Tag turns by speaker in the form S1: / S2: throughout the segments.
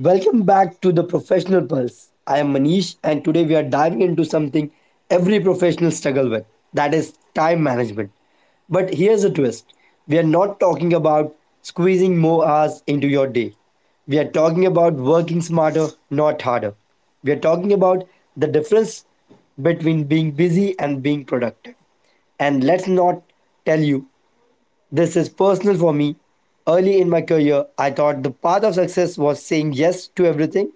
S1: Welcome back to the Professional Pulse. I am Manish, and today we are diving into something every professional struggle with, that is, time management. But here's a twist, we are not talking about squeezing more hours into your day, we are talking about working smarter, not harder. We are talking about the difference between being busy and being productive. And let's not tell you, this is personal for me. Early in my career, I thought the path of success was saying yes to everything,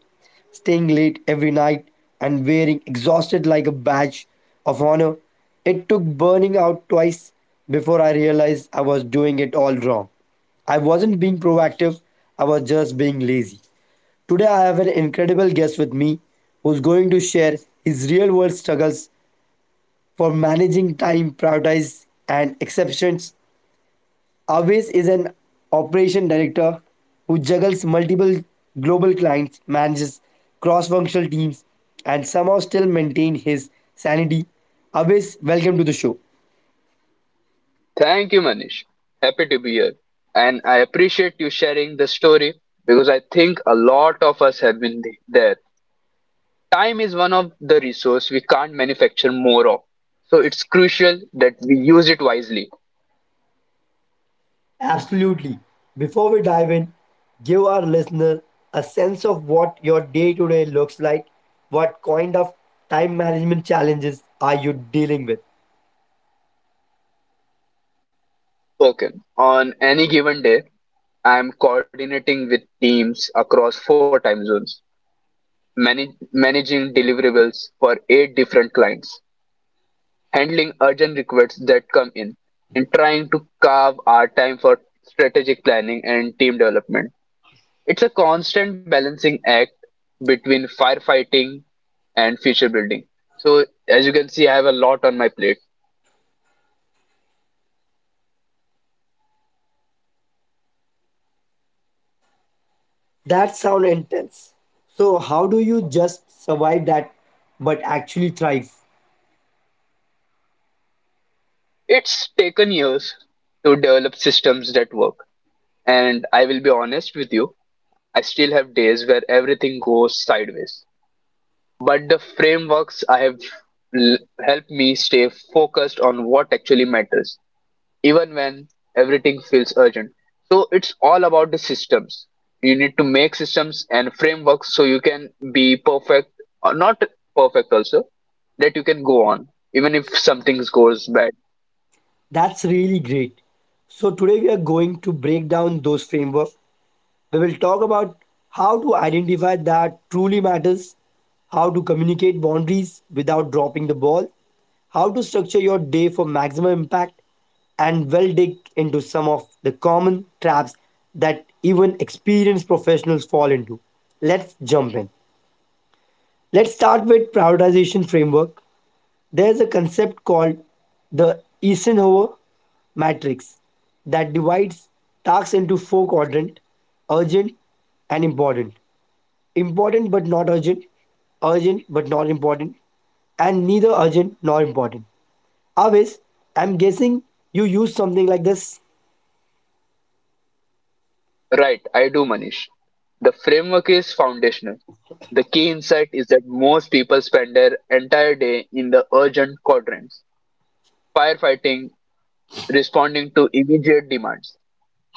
S1: staying late every night, and wearing exhausted like a badge of honor. It took burning out twice before I realized I was doing it all wrong. I wasn't being proactive, I was just being lazy. Today, I have an incredible guest with me who's going to share his real world struggles for managing time, priorities, and exceptions. Aves is an operation director who juggles multiple global clients, manages cross functional teams, and somehow still maintain his sanity. Aves, welcome to the show.
S2: Thank you, Manish. Happy to be here. And I appreciate you sharing the story because I think a lot of us have been there. Time is one of the resource we can't manufacture more of. So it's crucial that we use it wisely.
S1: Absolutely. Before we dive in, give our listener a sense of what your day to day looks like. What kind of time management challenges are you dealing with?
S2: Okay. On any given day, I am coordinating with teams across four time zones, managing deliverables for eight different clients. Handling urgent requests that come in, and trying to carve our time for strategic planning and team development. It's a constant balancing act between firefighting and future building. So, as you can see, I have a lot on my plate.
S1: That sounds intense. So, how do you just survive that but actually thrive?
S2: It's taken years to develop systems that work, and I will be honest with you, I still have days where everything goes sideways. But the frameworks I have l- helped me stay focused on what actually matters even when everything feels urgent. So it's all about the systems. You need to make systems and frameworks so you can be perfect or not perfect also, that you can go on even if something goes bad.
S1: That's really great. So, today we are going to break down those frameworks. We will talk about how to identify that truly matters, how to communicate boundaries without dropping the ball, how to structure your day for maximum impact, and well dig into some of the common traps that even experienced professionals fall into. Let's jump in. Let's start with prioritization framework. There's a concept called the Eisenhower matrix that divides tasks into four quadrants: urgent and important, important but not urgent, urgent but not important, and neither urgent nor important. Avis, I'm guessing you use something like this.
S2: Right, I do, Manish. The framework is foundational. The key insight is that most people spend their entire day in the urgent quadrants, firefighting, responding to immediate demands.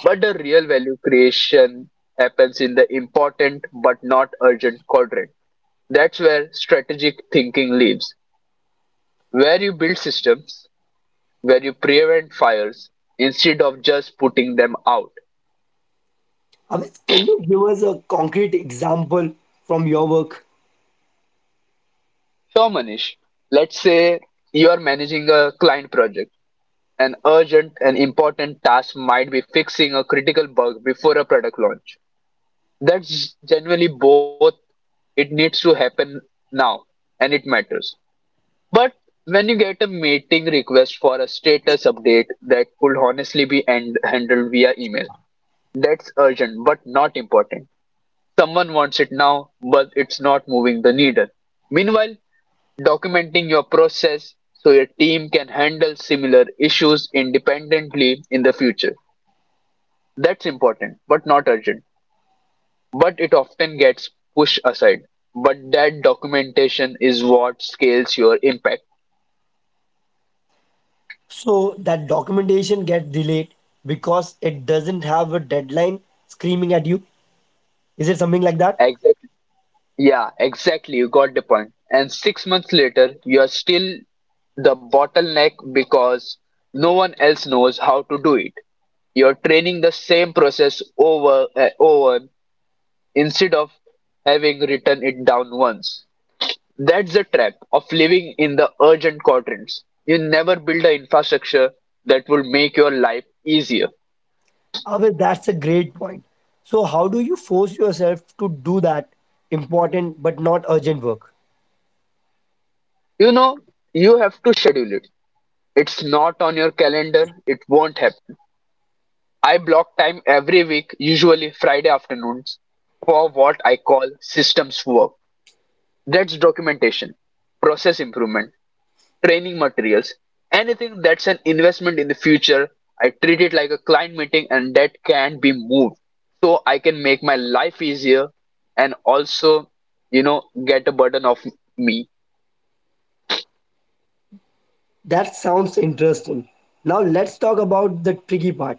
S2: But the real value creation happens in the important but not urgent quadrant. That's where strategic thinking lives, where you build systems, where you prevent fires instead of just putting them out.
S1: Avis, can you give us a concrete example from your work?
S2: So, Manish, let's say you are managing a client project. An urgent and important task might be fixing a critical bug before a product launch. That's generally both. It needs to happen now, and it matters. But when you get a meeting request for a status update that could honestly be handled via email, that's urgent but not important. Someone wants it now, but it's not moving the needle. Meanwhile, documenting your process so your team can handle similar issues independently in the future. That's important but not urgent. But it often gets pushed aside. But that documentation is what scales your impact.
S1: So that documentation gets delayed because it doesn't have a deadline screaming at you. Is it something like that?
S2: Yeah, exactly. You got the point. And 6 months later, you are still the bottleneck because no one else knows how to do it. You're training the same process over and over instead of having written it down once. That's the trap of living in the urgent quadrants. You never build an infrastructure that will make your life easier.
S1: Ah, well, that's a great point. So, how do you force yourself to do that important but not urgent work?
S2: You know, you have to schedule it. It's not on your calendar, it won't happen. I block time every week, usually Friday afternoons, for what I call systems work. That's documentation, process improvement, training materials, anything that's an investment in the future. I treat it like a client meeting and that can be moved. So I can make my life easier and also, get a burden off me.
S1: That sounds interesting. Now, let's talk about the tricky part,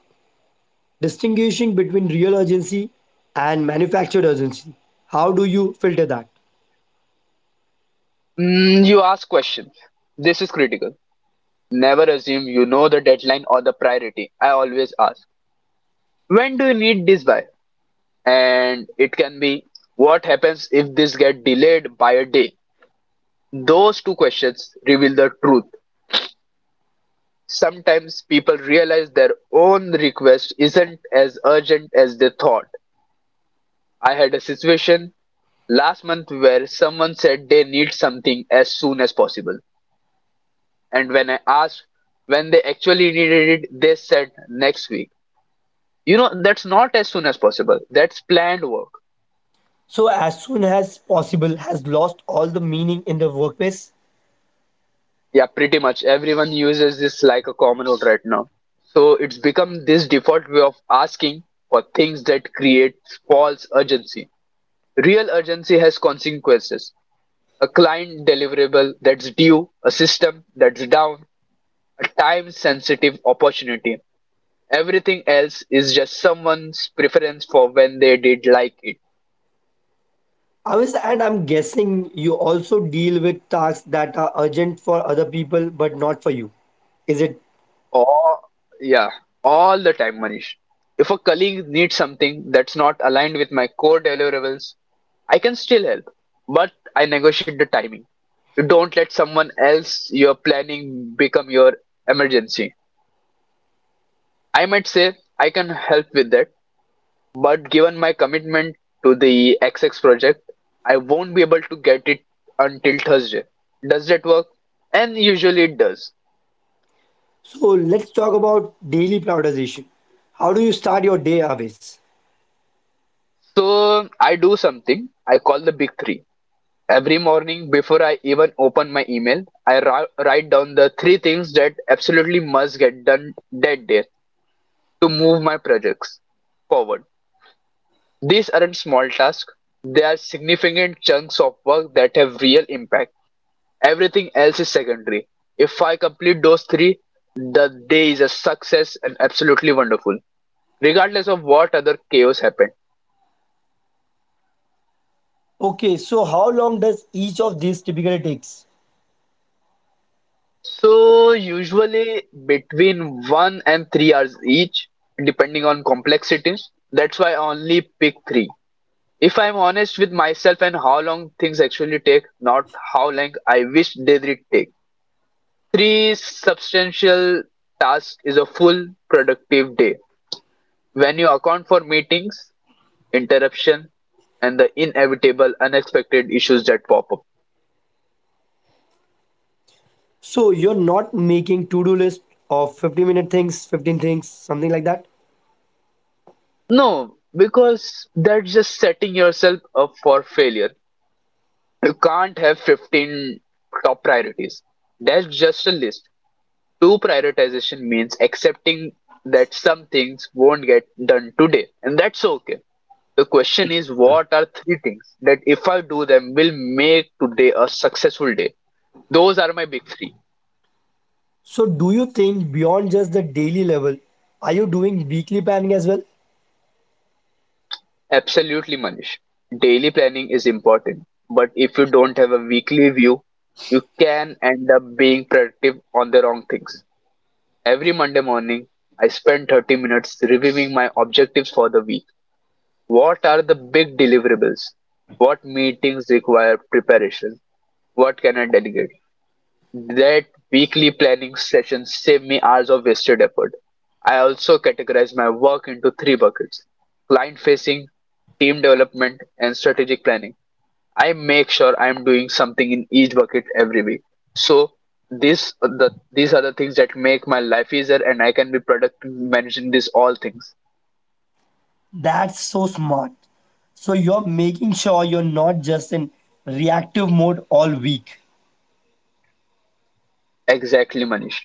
S1: distinguishing between real urgency and manufactured urgency. How do you filter that?
S2: You ask questions. This is critical. Never assume you know the deadline or the priority. I always ask. When do you need this by? And it can be, what happens if this get delayed by a day? Those two questions reveal the truth. Sometimes people realize their own request isn't as urgent as they thought. I had a situation last month where someone said they need something as soon as possible, and when I asked when they actually needed it, they said next week. That's not as soon as possible, that's planned work.
S1: So, as soon as possible, has lost all the meaning in the workplace.
S2: Yeah, pretty much everyone uses this like a common note right now. So it's become this default way of asking for things that creates false urgency. Real urgency has consequences. A client deliverable that's due, a system that's down, a time sensitive opportunity. Everything else is just someone's preference for when they did like it.
S1: I was, and I'm guessing you also deal with tasks that are urgent for other people but not for you. Is it?
S2: All, yeah, all the time, Manish. If a colleague needs something that's not aligned with my core deliverables, I can still help, but I negotiate the timing. You don't let someone else you're planning become your emergency. I might say, I can help with that, but given my commitment to the XX project, I won't be able to get it until Thursday. Does that work? And usually it does.
S1: So let's talk about daily prioritization. How do you start your day, Avis?
S2: So I do something I call the big three. Every morning, before I even open my email, I write down the three things that absolutely must get done that day to move my projects forward. These aren't small tasks, they are significant chunks of work that have real impact. Everything else is secondary. If I complete those three, the day is a success and absolutely wonderful, regardless of what other chaos happened.
S1: Okay, so how long does each of these typically takes?
S2: So usually between 1 and 3 hours each, depending on complexity. That's why I only pick three. If I'm honest with myself and how long things actually take, not how long I wish they did take. Three substantial tasks is a full productive day. When you account for meetings, interruption, and the inevitable unexpected issues that pop up.
S1: So you're not making to-do list of 50-minute things, 15 things, something like that.
S2: No, because that's just setting yourself up for failure. You can't have 15 top priorities. That's just a list. True prioritization means accepting that some things won't get done today, and that's okay. The question is, what are three things that if I do them will make today a successful day? Those are my big three.
S1: So do you think beyond just the daily level, are you doing weekly planning as well?
S2: Absolutely, Manish. Daily planning is important, but if you don't have a weekly view, you can end up being productive on the wrong things. Every Monday morning, I spend 30 minutes reviewing my objectives for the week. What are the big deliverables? What meetings require preparation? What can I delegate? That weekly planning session save me hours of wasted effort. I also categorize my work into three buckets, client facing, team development, and strategic planning. I make sure I'm doing something in each bucket every week. So this the these are the things that make my life easier and I can be productive managing these all things.
S1: That's so smart. So you're making sure you're not just in reactive mode all week.
S2: Exactly, Manish.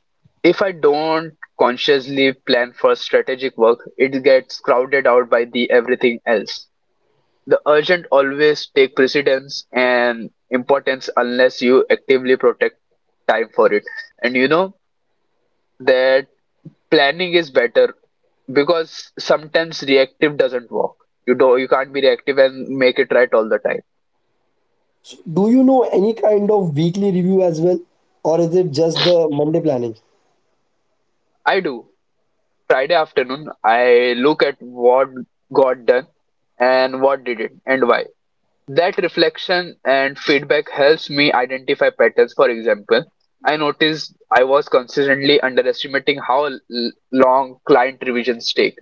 S2: If I don't consciously plan for strategic work, it gets crowded out by the everything else. The urgent always take precedence and importance unless you actively protect time for it. And you know that planning is better because sometimes reactive doesn't work. You can't be reactive and make it right all the time.
S1: Do you know any kind of weekly review as well? Or is it just the Monday planning?
S2: I do. Friday afternoon I look at what got done and what didn't and why. That reflection and feedback helps me identify patterns. For example, I noticed I was consistently underestimating how long client revisions take.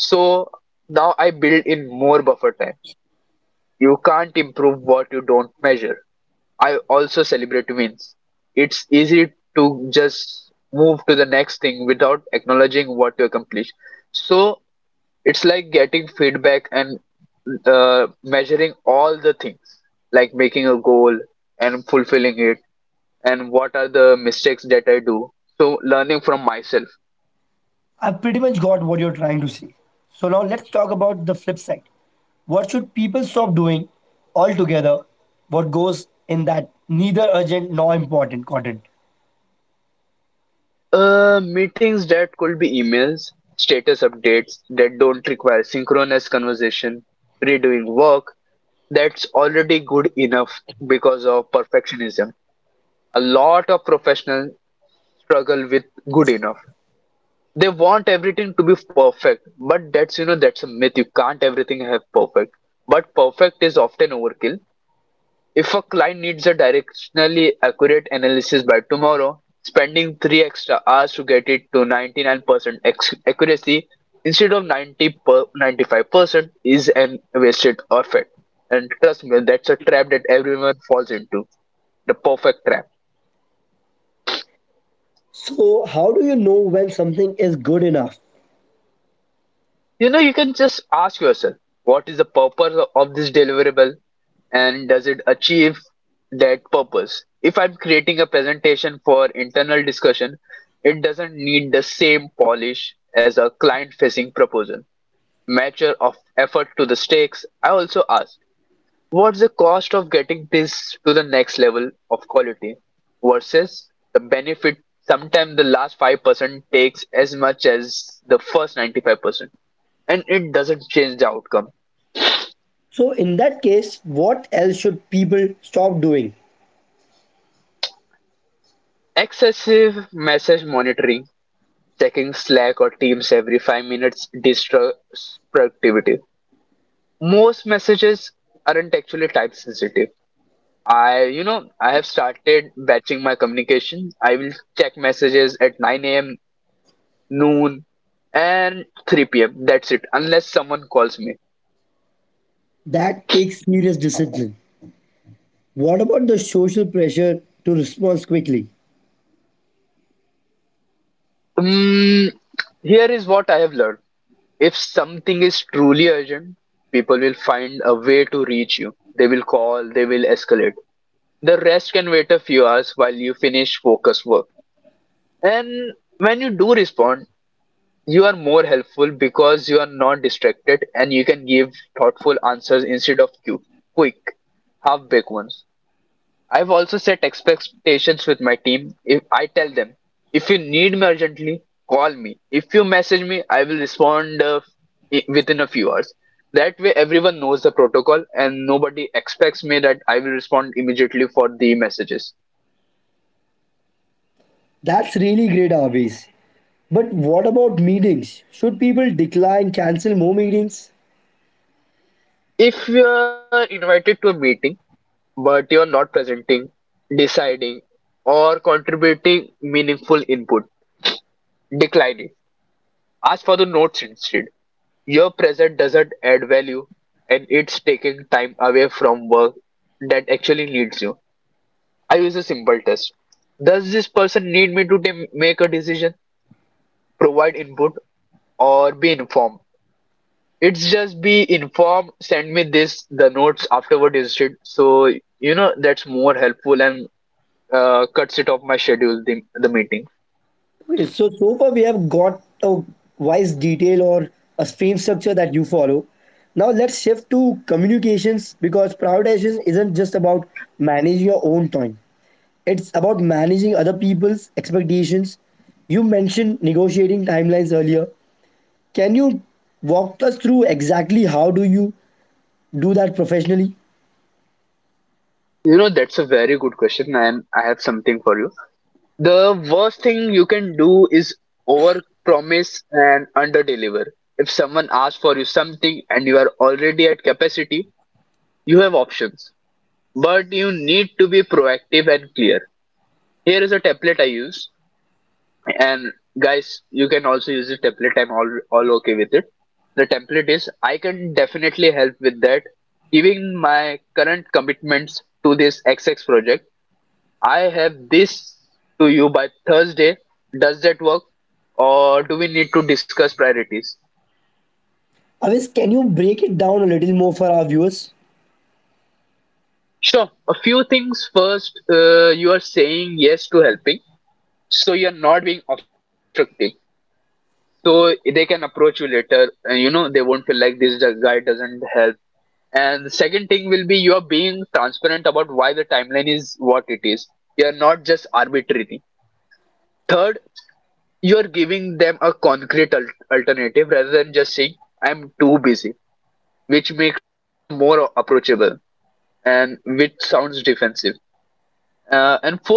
S2: So now I build in more buffer time. You can't improve what you don't measure. I also celebrate wins. It's easy to just move to the next thing without acknowledging what you accomplish. So it's like getting feedback and measuring all the things, like making a goal and fulfilling it, and what are the mistakes that I do. So learning from myself.
S1: I pretty much got what you're trying to say. So now let's talk about the flip side. What should people stop doing altogether? What goes in that neither urgent nor important content?
S2: Meetings that could be emails, status updates that don't require synchronous conversation, redoing work, that's already good enough because of perfectionism. A lot of professionals struggle with good enough. They want everything to be perfect, but that's, that's a myth. You can't everything have perfect. But perfect is often overkill. If a client needs a directionally accurate analysis by tomorrow, spending 3 extra hours to get it to 99% accuracy instead of 90 per 95% is an wasted effort. And trust me, that's a trap that everyone falls into. The perfect trap.
S1: So, how do you know when something is good enough?
S2: You know, you can just ask yourself, what is the purpose of this deliverable and does it achieve that purpose? If I'm creating a presentation for internal discussion, it doesn't need the same polish as a client facing proposal. Mature of effort to the stakes. I also ask. What's the cost of getting this to the next level of quality versus the benefit? Sometimes the last 5% takes as much as the first 95%, and it doesn't change the outcome.
S1: So, in that case, what else should people stop doing?
S2: Excessive message monitoring, checking Slack or Teams every 5 minutes disrupts productivity. Most messages aren't actually type sensitive. I have started batching my communication. I will check messages at 9 a.m., noon, and 3 p.m. That's it, unless someone calls me.
S1: That takes serious discipline. What about the social pressure to respond quickly?
S2: Mm, here is what I have learned. If something is truly urgent, people will find a way to reach you. They will call, they will escalate. The rest can wait a few hours while you finish focus work. And when you do respond, you are more helpful because you are not distracted and you can give thoughtful answers instead of cute, quick, half-baked ones. I've also set expectations with my team. If I tell them, if you need me urgently, call me. If you message me, I will respond within a few hours. That way, everyone knows the protocol and nobody expects me that I will respond immediately for the messages.
S1: That's really great, Avis. But what about meetings? Should people decline, cancel more meetings?
S2: If you are invited to a meeting but you are not presenting, deciding, or contributing meaningful input, decline it. Ask for the notes instead. Your present doesn't add value, and it's taking time away from work that actually needs you. I use a simple test. Does this person need me to make a decision, provide input, or be informed? It's just be informed, send me this, the notes afterward instead. That's more helpful and cuts it off my schedule, the meeting.
S1: Okay, so far we have got a wise detail or a frame structure that you follow. Now let's shift to communications because prioritization isn't just about managing your own time. It's about managing other people's expectations. You mentioned negotiating timelines earlier. Can you walk us through exactly how do you do that professionally?
S2: You know, that's a very good question, and I have something for you. The worst thing you can do is overpromise and underdeliver. If someone asks for you something and you are already at capacity, you have options. But you need to be proactive and clear. Here is a template I use, and guys, you can also use the template. I'm all okay with it. The template is I can definitely help with that. Giving my current commitments to this XX project, I have this to you by Thursday. Does that work? Or do we need to discuss priorities?
S1: Avis, can you break it down a little more for our viewers?
S2: Sure. A few things first. You are saying yes to helping, so you're not being obstructive. So they can approach you later, and you know they won't feel like this guy doesn't help. And the second thing will be you are being transparent about why the timeline is what it is. You're not just arbitrary. Third, you're giving them a concrete alternative rather than just saying I'm too busy, which makes you more approachable and which sounds defensive. And fourth,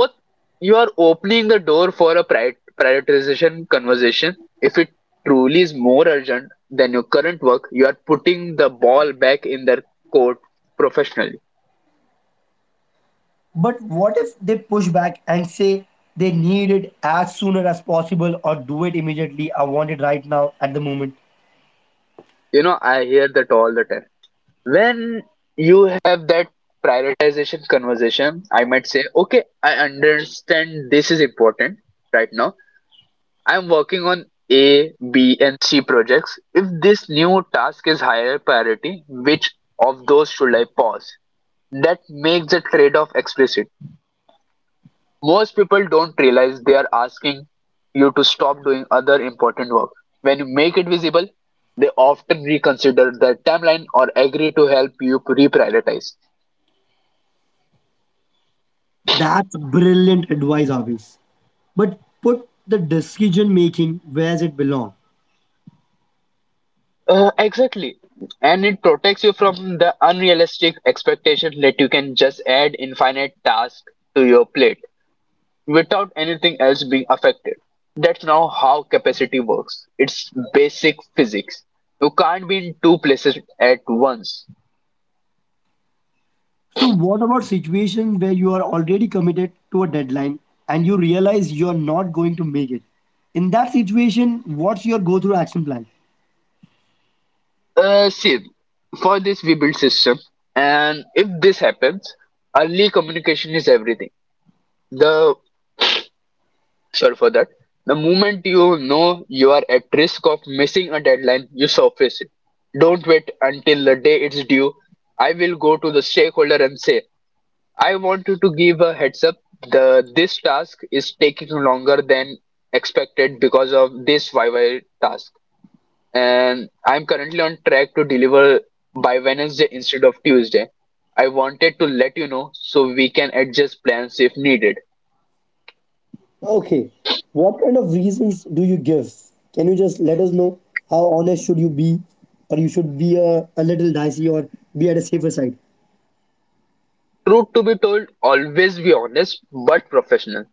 S2: you are opening the door for a prioritization conversation. If it truly is more urgent than your current work, you are putting the ball back in their court professionally.
S1: But what if they push back and say they need it as sooner as possible or do it immediately? I want it right now at the moment.
S2: You know, I hear that all the time. When you have that prioritization conversation, I might say, okay, I understand this is important right now. I'm working on A, B, and C projects. If this new task is higher priority, which of those should I pause? That makes the trade off explicit. Most people don't realize they are asking you to stop doing other important work. When you make it visible, they often reconsider their timeline or agree to help you reprioritize.
S1: That's brilliant advice, Avis. But put the decision making where it belongs.
S2: Exactly. And it protects you from the unrealistic expectation that you can just add infinite tasks to your plate without anything else being affected. That's now how capacity works. It's basic physics. You can't be in two places at once.
S1: So, what about situations where you are already committed to a deadline and you realize you're not going to make it? In that situation, what's your go through action plan?
S2: See, for this we build system, and if this happens, early communication is everything. The Sorry for that. The moment you know you are at risk of missing a deadline, you surface it. Don't wait until the day it's due. I will go to the stakeholder and say, I wanted to give a heads up. The This task is taking longer than expected because of this YY task, and I'm currently on track to deliver by Wednesday instead of Tuesday. I wanted to let you know so we can adjust plans if needed.
S1: Okay. What kind of reasons do you give? Can you just let us know how honest should you be, or you should be a little dicey or be at a safer side?
S2: Truth to be told, always be honest but professional.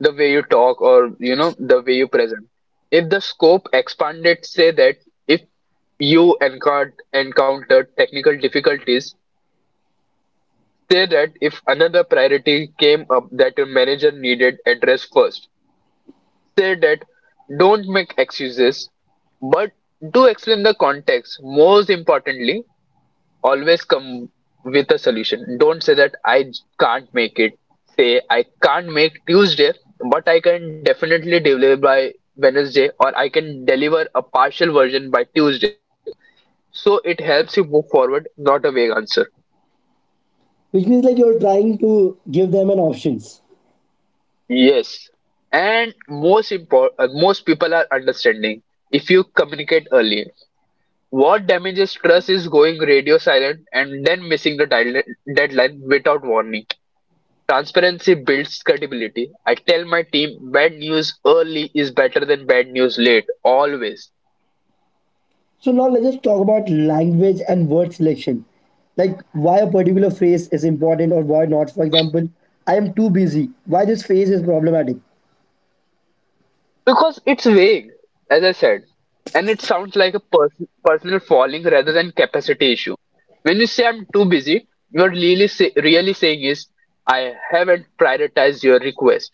S2: The way you talk, or you know, the way you present. If the scope expanded, say that. If you encountered technical difficulties, say that. If another priority came up that your manager needed addressed first, say that. Don't make excuses, but do explain the context. Most importantly, always come with a solution. Don't say that I can't make it. Say I can't make Tuesday, but I can definitely deliver by Wednesday, or I can deliver a partial version by Tuesday. So it helps you move forward, not a vague answer.
S1: Which means like you're trying to give them an options.
S2: Yes, and most important, most people are understanding if you communicate early. What damages trust is going radio silent and then missing the deadline without warning. Transparency builds credibility. I tell my team bad news early is better than bad news late, always.
S1: So now let's just talk about language and word selection. Like why a particular phrase is important or why not. For example, I am too busy. Why this phrase is problematic.
S2: Because it's vague, as I said, and it sounds like a personal falling rather than capacity issue. When you say I'm too busy, you're really, really saying is I haven't prioritized your request,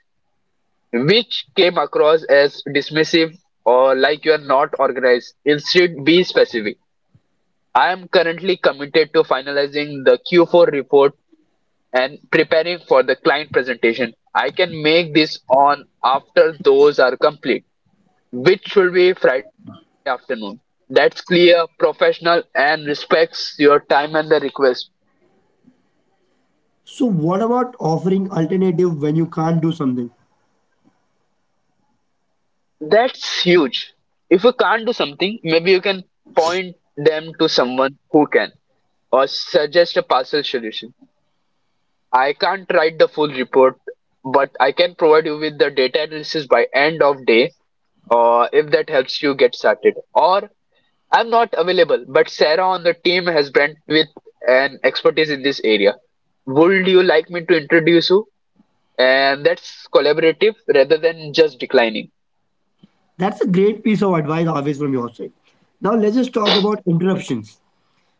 S2: which came across as dismissive or like you're not organized. Instead, be specific. I am currently committed to finalizing the Q4 report and preparing for the client presentation. I can make this on after those are complete, which will be Friday afternoon. That's clear, professional, and respects your time and the request.
S1: So what about offering alternative when you can't do something?
S2: That's huge. If you can't do something, maybe you can point them to someone who can, or suggest a partial solution. I can't write the full report, but I can provide you with the data analysis by end of day, or if that helps you get started. Or I'm not available, but Sarah on the team has brand with an expertise in this area. Would you like me to introduce you? And that's collaborative rather than just declining.
S1: That's a great piece of advice always from your side. Now let's just talk about interruptions.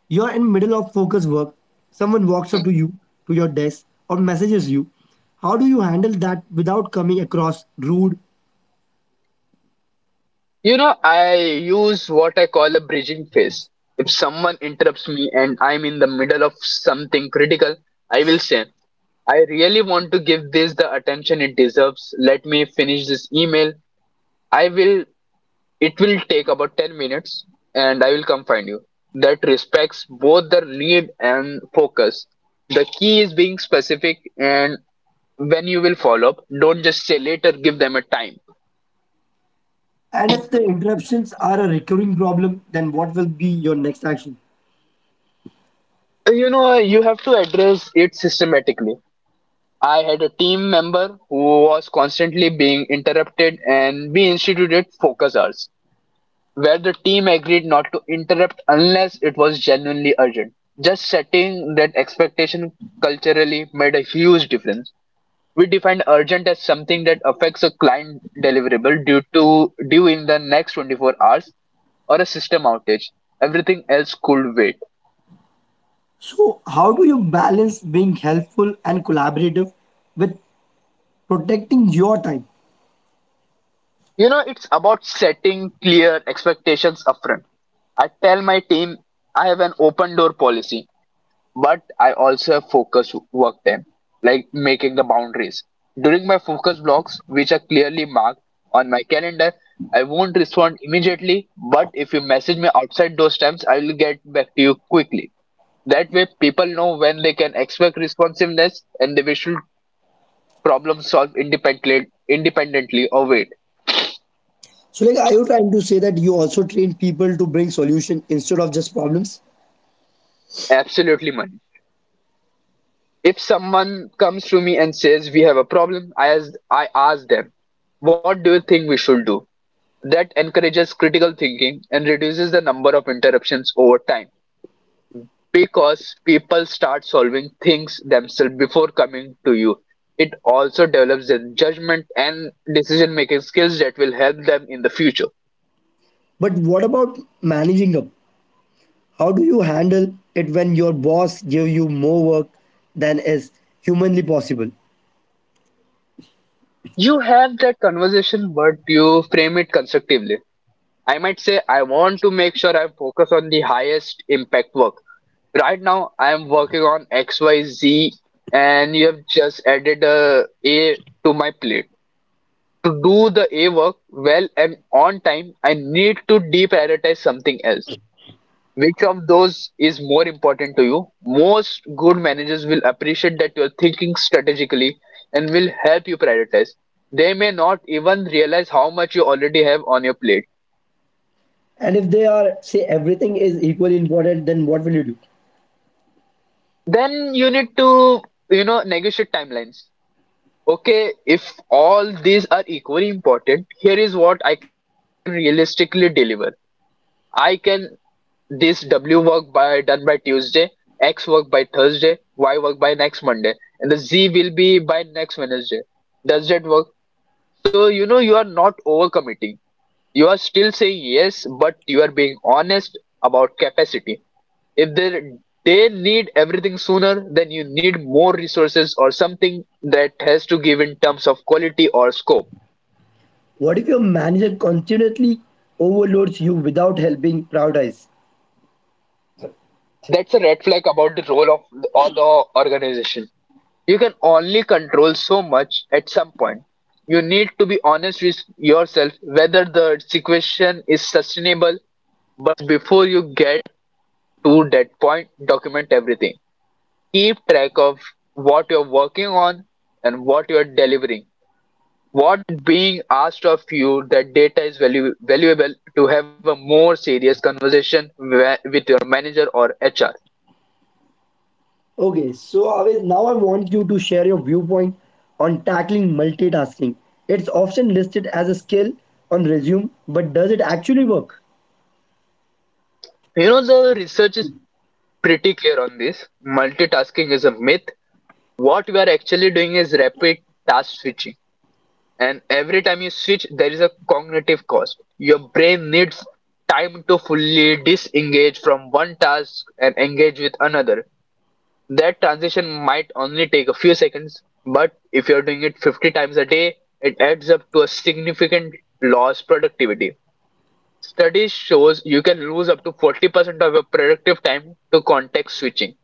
S1: You're in middle of focus work. Someone walks up to you, to your desk, or messages you. How do you handle that without coming across rude?
S2: You know, I use what I call a bridging phase. If someone interrupts me and I'm in the middle of something critical, I will say, I really want to give this the attention it deserves. Let me finish this email. I will It will take about 10 minutes and I will come find you. That respects both the need and focus. The key is being specific and when you will follow up, don't just say later, give them a time.
S1: And if the interruptions are a recurring problem, then what will be your next action?
S2: You know, you have to address it systematically. I had a team member who was constantly being interrupted and we instituted focus hours, where the team agreed not to interrupt unless it was genuinely urgent. Just setting that expectation culturally made a huge difference. We defined urgent as something that affects a client deliverable due to due in the next 24 hours or a system outage. Everything else could wait.
S1: So, how do you balance being helpful and collaborative with protecting your time?
S2: You know, it's about setting clear expectations upfront. I tell my team I have an open door policy, but I also have focus work time, like making the boundaries. During my focus blocks, which are clearly marked on my calendar, I won't respond immediately, but if you message me outside those times, I will get back to you quickly. That way, people know when they can expect responsiveness and they should problem solve independently, independently of it.
S1: So, like, are you trying to say that you also train people to bring solution instead of just problems?
S2: Absolutely, Manish. If someone comes to me and says we have a problem, I ask them, what do you think we should do? That encourages critical thinking and reduces the number of interruptions over time because people start solving things themselves before coming to you. It also develops their judgment and decision making skills that will help them in the future.
S1: But what about managing up? How do you handle it when your boss give you more work than is humanly possible?
S2: You have that conversation, but you frame it constructively. I might say, I want to make sure I focus on the highest impact work. Right now I am working on XYZ and you have just added a A to my plate. To do the A work well and on time, I need to deprioritize something else. Which of those is more important to you? Most good managers will appreciate that you're thinking strategically and will help you prioritize. They may not even realize how much you already have on your plate.
S1: And if they are say everything is equally important, then what will you do?
S2: Then you need to, you know, negotiate timelines. Okay, if all these are equally important, here is what I can realistically deliver. I can This W work by done by Tuesday, X work by Thursday, Y work by next Monday, and the Z will be by next Wednesday. Does that work? So you know you are not overcommitting. You are still saying yes, but you are being honest about capacity. If they need everything sooner, then you need more resources or something that has to give in terms of quality or scope.
S1: What if your manager continuously overloads you without helping prioritize?
S2: That's a red flag about the role of all the organization. You can only control so much at some point. You need to be honest with yourself whether the situation is sustainable, but before you get to that point, document everything. Keep track of what you're working on and what you're delivering. What being asked of you, that data is valuable to have a more serious conversation with your manager or HR.
S1: Okay, so Avish, now I want you to share your viewpoint on tackling multitasking. It's often listed as a skill on resume, but does it actually work?
S2: You know, the research is pretty clear on this. Multitasking is a myth. What we are actually doing is rapid task switching, and every time you switch there is a cognitive cost. Your brain needs time to fully disengage from one task and engage with another. That transition might only take a few seconds, but if you're doing it 50 times a day it adds up to a significant loss productivity. Studies shows you can lose up to 40% of your productive time to context switching.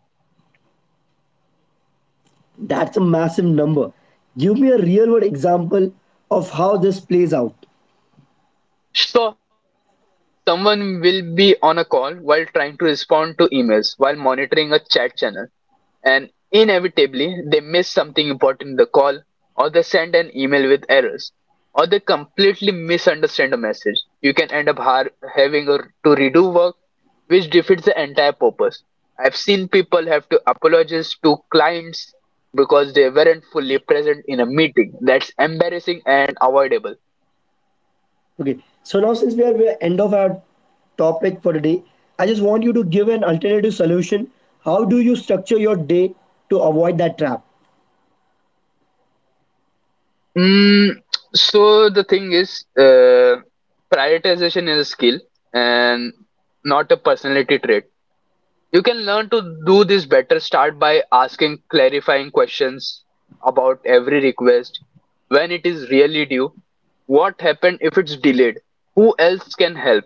S1: That's a massive number. Give me a real world example of how this plays out.
S2: So, someone will be on a call while trying to respond to emails while monitoring a chat channel, and inevitably they miss something important in the call, or they send an email with errors, or they completely misunderstand a message. You can end up having a, to redo work, which defeats the entire purpose. I've seen people have to apologize to clients because they weren't fully present in a meeting. That's embarrassing and avoidable.
S1: Okay. So now since we are end of our topic for today, I just want you to give an alternative solution. How do you structure your day to avoid that trap?
S2: Mm, so the thing is, prioritization is a skill and not a personality trait. You can learn to do this better. Start by asking clarifying questions about every request, when it is really due, what happened if it's delayed, who else can help.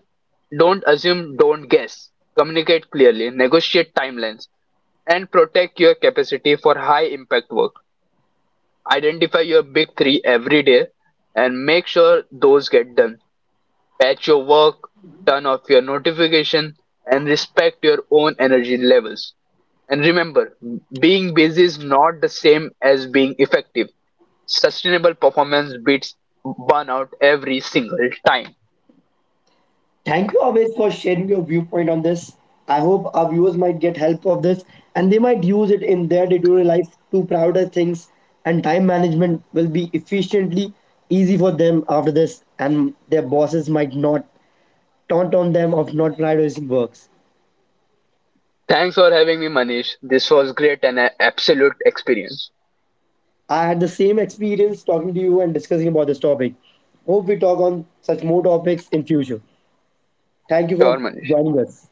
S2: Don't assume, don't guess. Communicate clearly, negotiate timelines, and protect your capacity for high impact work. Identify your big 3 every day and make sure those get done. Patch your work, turn off your notification, and respect your own energy levels. And remember, being busy is not the same as being effective. Sustainable performance beats burnout every single time.
S1: Thank you always for sharing your viewpoint on this. I hope our viewers might get help of this and they might use it in their day-to-day life to prioritize things, and time management will be efficiently easy for them after this, and their bosses might not taunt on them of not prioritizing works.
S2: Thanks for having me, Manish. This was great and an absolute experience.
S1: I had the same experience talking to you and discussing about this topic. Hope we talk on such more topics in future. Thank you
S2: Sure,
S1: for
S2: Manish.
S1: joining us.